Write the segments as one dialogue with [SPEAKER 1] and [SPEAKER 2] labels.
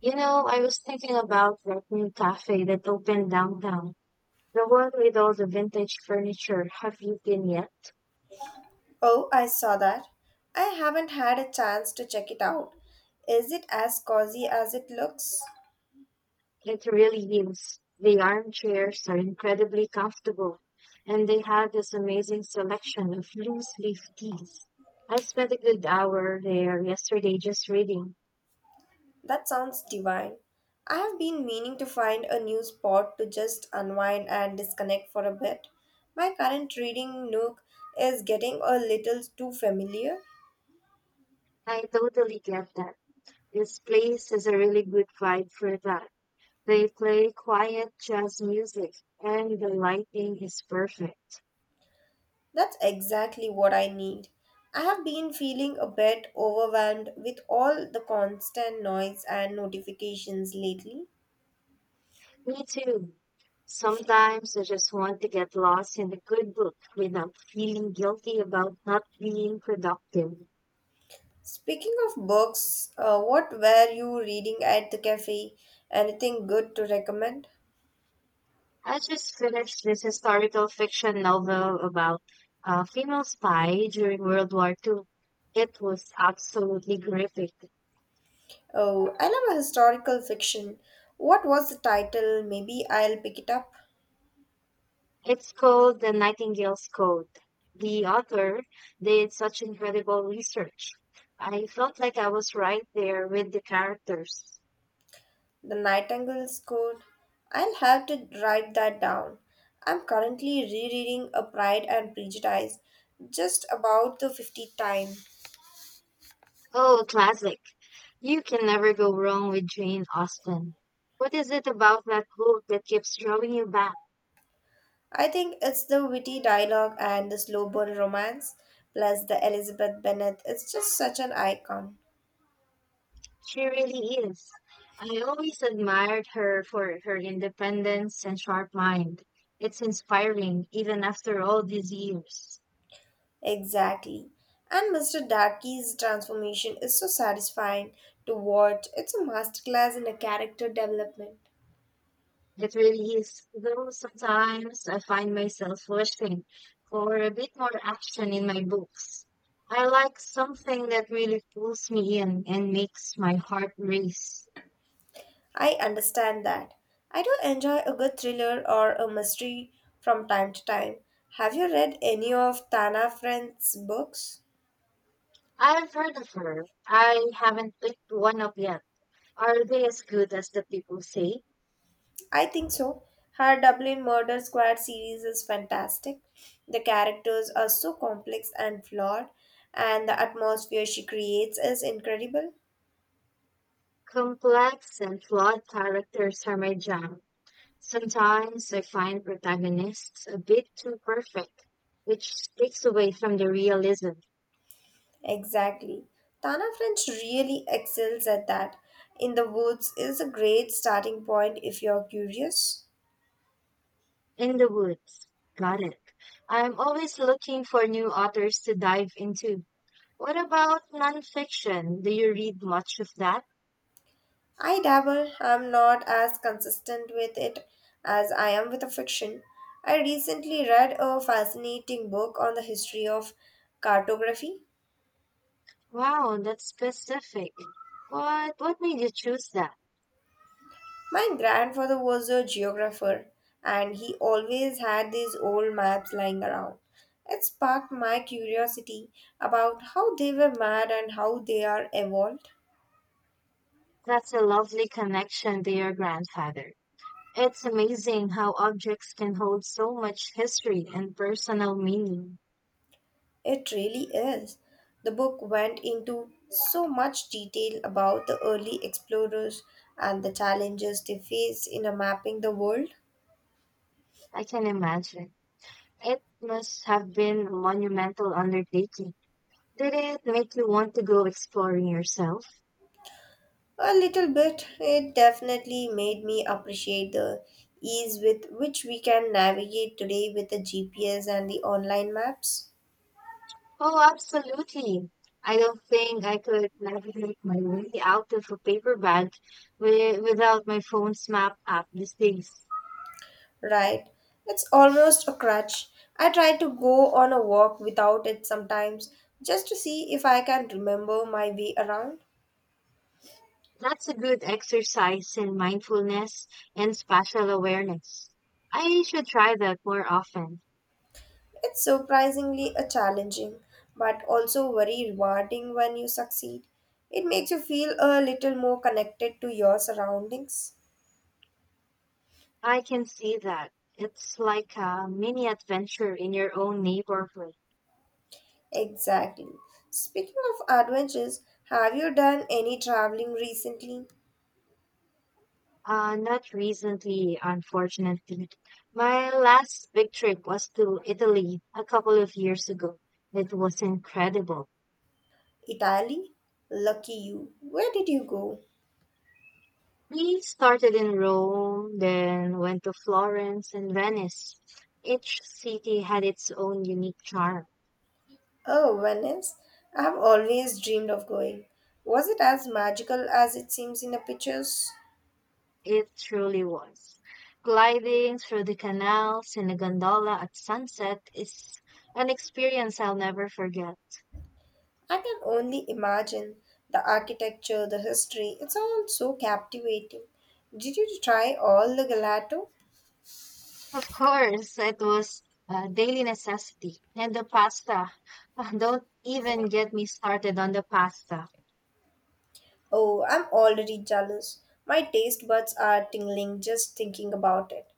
[SPEAKER 1] You know, I was thinking about that new cafe that opened downtown. The one with all the vintage furniture. Have you been yet?
[SPEAKER 2] Oh, I saw that. I haven't had a chance to check it out. Is it as cozy as it looks?
[SPEAKER 1] It really is. The armchairs are incredibly comfortable, and they have this amazing selection of loose leaf teas. I spent a good hour there yesterday just reading.
[SPEAKER 2] That sounds divine. I have been meaning to find a new spot to just unwind and disconnect for a bit. My current reading nook is getting a little too familiar.
[SPEAKER 1] I totally get that. This place is a really good vibe for that. They play quiet jazz music, and the lighting is perfect.
[SPEAKER 2] That's exactly what I need. I have been feeling a bit overwhelmed with all the constant noise and notifications lately.
[SPEAKER 1] Me too. Sometimes I just want to get lost in a good book without feeling guilty about not being productive.
[SPEAKER 2] Speaking of books, what were you reading at the cafe? Anything good to recommend?
[SPEAKER 1] I just finished this historical fiction novel about a female spy during World War Two. It was absolutely gripping.
[SPEAKER 2] Oh, I love historical fiction. What was the title? Maybe I'll pick it up.
[SPEAKER 1] It's called The Nightingale's Code. The author did such incredible research. I felt like I was right there with the characters.
[SPEAKER 2] The Nightingale's Code. I'll have to write that down. I'm currently rereading A Pride and Prejudice just about the 50th time.
[SPEAKER 1] Oh, classic. You can never go wrong with Jane Austen. What is it about that book that keeps drawing you back?
[SPEAKER 2] I think it's the witty dialogue and the slow burn romance, plus the Elizabeth Bennet. It's just such an icon.
[SPEAKER 1] She really is. I always admired her for her independence and sharp mind. It's inspiring, even after all these years.
[SPEAKER 2] Exactly. And Mr. Darky's transformation is so satisfying to watch. It's a masterclass in a character development.
[SPEAKER 1] It really is, though sometimes I find myself wishing for a bit more action in my books. I like something that really pulls me in and makes my heart race.
[SPEAKER 2] I understand that. I do enjoy a good thriller or a mystery from time to time. Have you read any of Tana Friend's books?
[SPEAKER 1] I've heard of her. I haven't picked one up yet. Are they as good as the people say?
[SPEAKER 2] I think so. Her Dublin Murder Squad series is fantastic. The characters are so complex and flawed, and the atmosphere she creates is incredible.
[SPEAKER 1] Complex and flawed characters are my jam. Sometimes I find protagonists a bit too perfect, which takes away from the realism.
[SPEAKER 2] Exactly. Tana French really excels at that. In the Woods is a great starting point if you're curious.
[SPEAKER 1] In the Woods. Got it. I'm always looking for new authors to dive into. What about nonfiction? Do you read much of that?
[SPEAKER 2] I dabble, I'm not as consistent with it as I am with a fiction. I recently read a fascinating book on the history of cartography.
[SPEAKER 1] Wow, that's specific. What made you choose that?
[SPEAKER 2] My grandfather was a geographer and he always had these old maps lying around. It sparked my curiosity about how they were made and how they are evolved.
[SPEAKER 1] That's a lovely connection to your grandfather. It's amazing how objects can hold so much history and personal meaning.
[SPEAKER 2] It really is. The book went into so much detail about the early explorers and the challenges they faced in mapping the world.
[SPEAKER 1] I can imagine. It must have been a monumental undertaking. Did it make you want to go exploring yourself?
[SPEAKER 2] A little bit, it definitely made me appreciate the ease with which we can navigate today with the GPS and the online maps.
[SPEAKER 1] Oh, absolutely. I don't think I could navigate my way out of a paper bag without my phone's map app these days.
[SPEAKER 2] Right, it's almost a crutch. I try to go on a walk without it sometimes just to see if I can remember my way around.
[SPEAKER 1] That's a good exercise in mindfulness and spatial awareness. I should try that more often.
[SPEAKER 2] It's surprisingly a challenging, but also very rewarding when you succeed. It makes you feel a little more connected to your surroundings.
[SPEAKER 1] I can see that. It's like a mini adventure in your own neighborhood.
[SPEAKER 2] Exactly. Speaking of adventures, have you done any traveling recently?
[SPEAKER 1] Not recently, unfortunately. My last big trip was to Italy a couple of years ago. It was incredible.
[SPEAKER 2] Italy? Lucky you. Where did you go?
[SPEAKER 1] We started in Rome, then went to Florence and Venice. Each city had its own unique charm.
[SPEAKER 2] Oh, Venice. I have always dreamed of going. Was it as magical as it seems in the pictures?
[SPEAKER 1] It truly was. Gliding through the canals in a gondola at sunset is an experience I'll never forget.
[SPEAKER 2] I can only imagine the architecture, the history. It sounds so captivating. Did you try all the gelato?
[SPEAKER 1] Of course, it was a daily necessity. And the pasta. Ah, don't even get me started on the pasta.
[SPEAKER 2] Oh, I'm already jealous. My taste buds are tingling just thinking about it.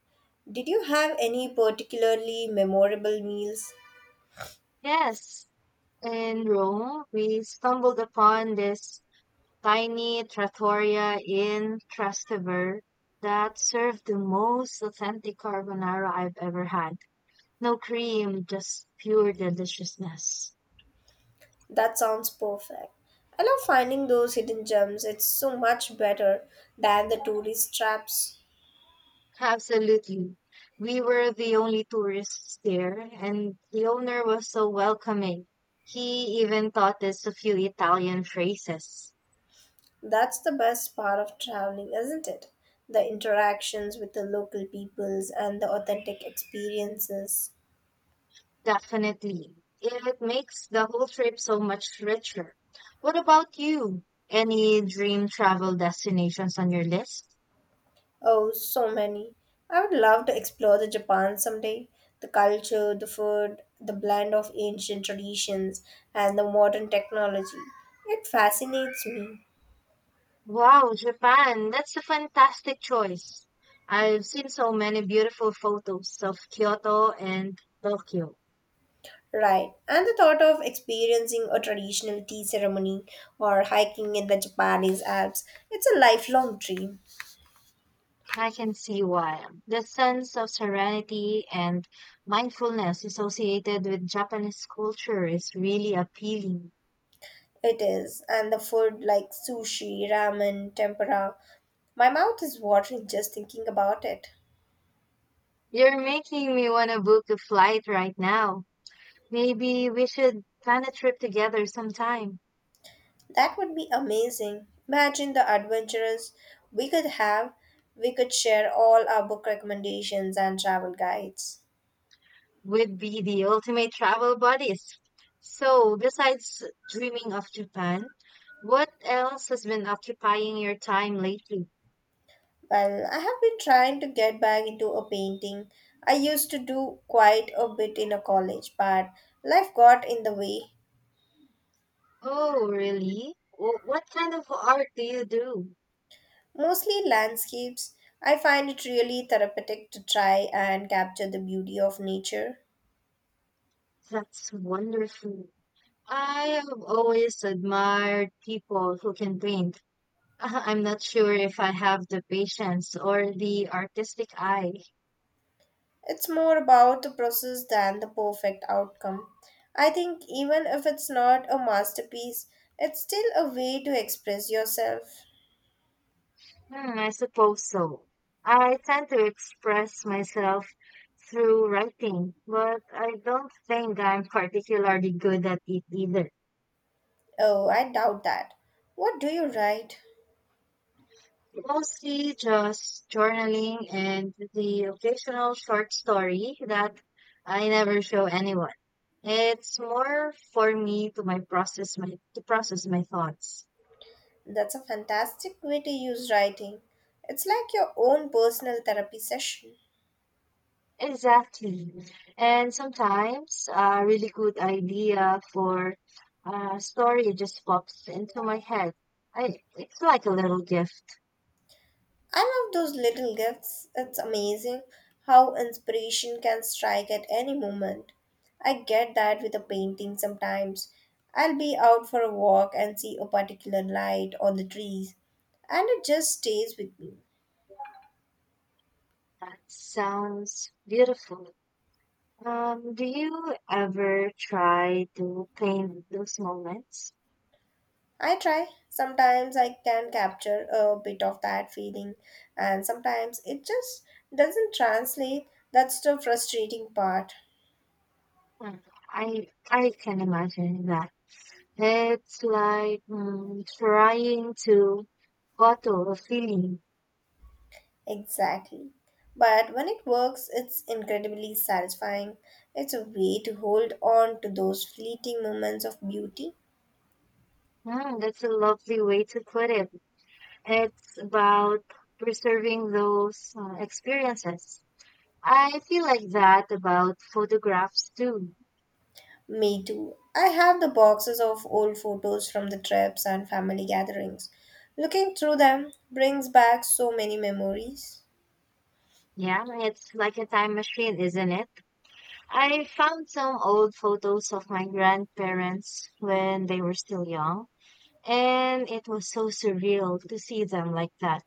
[SPEAKER 2] Did you have any particularly memorable meals?
[SPEAKER 1] Yes, in Rome, we stumbled upon this tiny trattoria in Trastevere that served the most authentic carbonara I've ever had. No cream, just pure deliciousness.
[SPEAKER 2] That sounds perfect. I love finding those hidden gems. It's so much better than the tourist traps.
[SPEAKER 1] Absolutely. We were the only tourists there, and the owner was so welcoming. He even taught us a few Italian phrases.
[SPEAKER 2] That's the best part of traveling, isn't it? The interactions with the local peoples and the authentic experiences.
[SPEAKER 1] Definitely. It makes the whole trip so much richer. What about you? Any dream travel destinations on your list?
[SPEAKER 2] Oh, so many. I would love to explore the Japan someday. The culture, the food, the blend of ancient traditions and the modern technology. It fascinates me.
[SPEAKER 1] Wow, Japan, that's a fantastic choice. I've seen so many beautiful photos of Kyoto and Tokyo.
[SPEAKER 2] Right. And the thought of experiencing a traditional tea ceremony or hiking in the Japanese Alps, it's a lifelong dream.
[SPEAKER 1] I can see why. The sense of serenity and mindfulness associated with Japanese culture is really appealing.
[SPEAKER 2] It is, and the food like sushi, ramen, tempura. My mouth is watering just thinking about it.
[SPEAKER 1] You're making me want to book a flight right now. Maybe we should plan a trip together sometime.
[SPEAKER 2] That would be amazing. Imagine the adventures we could have. We could share all our book recommendations and travel guides.
[SPEAKER 1] Would be the ultimate travel buddies. So, besides dreaming of Japan, what else has been occupying your time lately?
[SPEAKER 2] Well, I have been trying to get back into a painting. I used to do quite a bit in a college, but life got in the way.
[SPEAKER 1] Oh, really? What kind of art do you do?
[SPEAKER 2] Mostly landscapes. I find it really therapeutic to try and capture the beauty of nature.
[SPEAKER 1] That's wonderful. I have always admired people who can paint. I'm not sure if I have the patience or the artistic eye.
[SPEAKER 2] It's more about the process than the perfect outcome. I think even if it's not a masterpiece, it's still a way to express yourself.
[SPEAKER 1] Hmm, I suppose so. I tend to express myself through writing, but I don't think I'm particularly good at it either.
[SPEAKER 2] Oh, I doubt that. What do you write?
[SPEAKER 1] Mostly just journaling and the occasional short story that I never show anyone. It's more for me to process my thoughts.
[SPEAKER 2] That's a fantastic way to use writing. It's like your own personal therapy session.
[SPEAKER 1] Exactly. And sometimes a really good idea for a story just pops into my head. It's like a little gift.
[SPEAKER 2] I love those little gifts. It's amazing how inspiration can strike at any moment. I get that with a painting sometimes. I'll be out for a walk and see a particular light on the trees, and it just stays with me.
[SPEAKER 1] That sounds beautiful. Do you ever try to paint those moments?
[SPEAKER 2] I try. Sometimes I can capture a bit of that feeling, and sometimes it just doesn't translate. That's the frustrating part.
[SPEAKER 1] Mm, I can imagine that. It's like trying to bottle a feeling.
[SPEAKER 2] Exactly. But when it works, it's incredibly satisfying. It's a way to hold on to those fleeting moments of beauty.
[SPEAKER 1] Mm, that's a lovely way to put it. It's about preserving those experiences. I feel like that about photographs too.
[SPEAKER 2] Me too. I have the boxes of old photos from the trips and family gatherings. Looking through them brings back so many memories.
[SPEAKER 1] Yeah, it's like a time machine, isn't it? I found some old photos of my grandparents when they were still young, and it was so surreal to see them like that.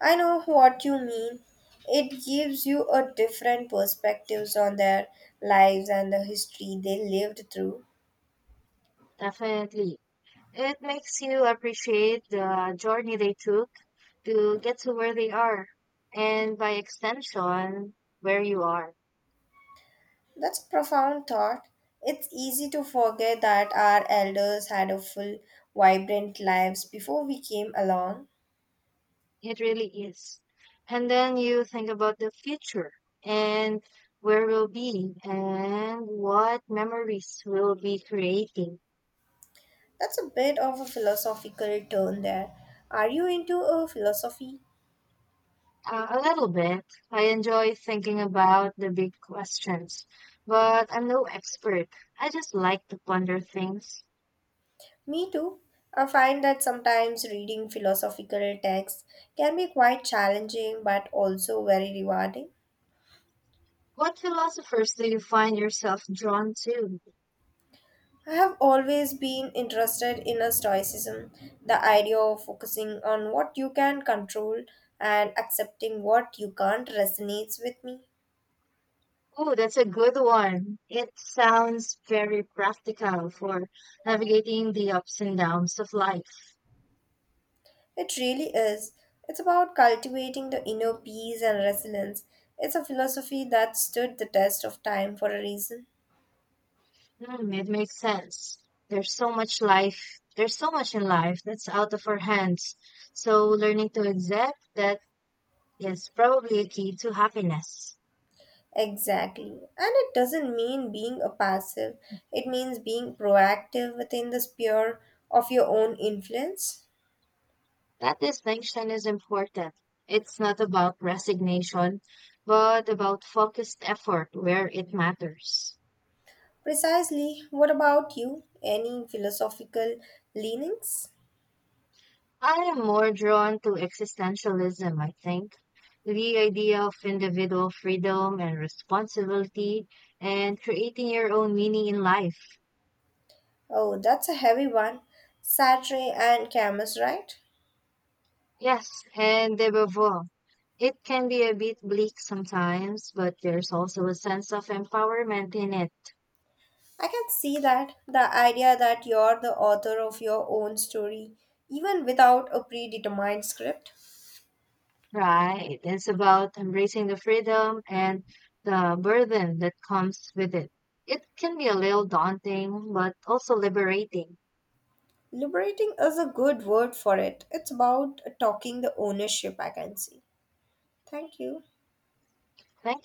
[SPEAKER 2] I know what you mean. It gives you a different perspectives on their lives and the history they lived through.
[SPEAKER 1] Definitely. It makes you appreciate the journey they took to get to where they are, and by extension, where you are.
[SPEAKER 2] That's a profound thought. It's easy to forget that our elders had a full, vibrant lives before we came along.
[SPEAKER 1] It really is. And then you think about the future and where we'll be and what memories we'll be creating.
[SPEAKER 2] That's a bit of a philosophical turn there. Are you into a philosophy?
[SPEAKER 1] A little bit. I enjoy thinking about the big questions, but I'm no expert. I just like to ponder things.
[SPEAKER 2] Me too. I find that sometimes reading philosophical texts can be quite challenging but also very rewarding.
[SPEAKER 1] What philosophers do you find yourself drawn to?
[SPEAKER 2] I have always been interested in a stoicism, the idea of focusing on what you can control and accepting what you can't resonates with me.
[SPEAKER 1] Oh, that's a good one. It sounds very practical for navigating the ups and downs of life.
[SPEAKER 2] It really is. It's about cultivating the inner peace and resilience. It's a philosophy that stood the test of time for a reason.
[SPEAKER 1] Hmm, it makes sense. There's so much life, there's so much in life that's out of our hands. So learning to accept that is probably a key to happiness.
[SPEAKER 2] Exactly. And it doesn't mean being a passive. It means being proactive within the sphere of your own influence.
[SPEAKER 1] That distinction is important. It's not about resignation, but about focused effort where it matters.
[SPEAKER 2] Precisely. What about you? Any philosophical leanings?
[SPEAKER 1] I am more drawn to existentialism, I think. The idea of individual freedom and responsibility and creating your own meaning in life.
[SPEAKER 2] Oh, that's a heavy one. Sartre and Camus, right?
[SPEAKER 1] Yes, and above all, it can be a bit bleak sometimes, but there's also a sense of empowerment in it.
[SPEAKER 2] I can see that. The idea that you're the author of your own story, even without a predetermined script.
[SPEAKER 1] Right. It's about embracing the freedom and the burden that comes with it. It can be a little daunting, but also liberating.
[SPEAKER 2] Liberating is a good word for it. It's about talking the ownership, I can see. Thank you.
[SPEAKER 1] Thank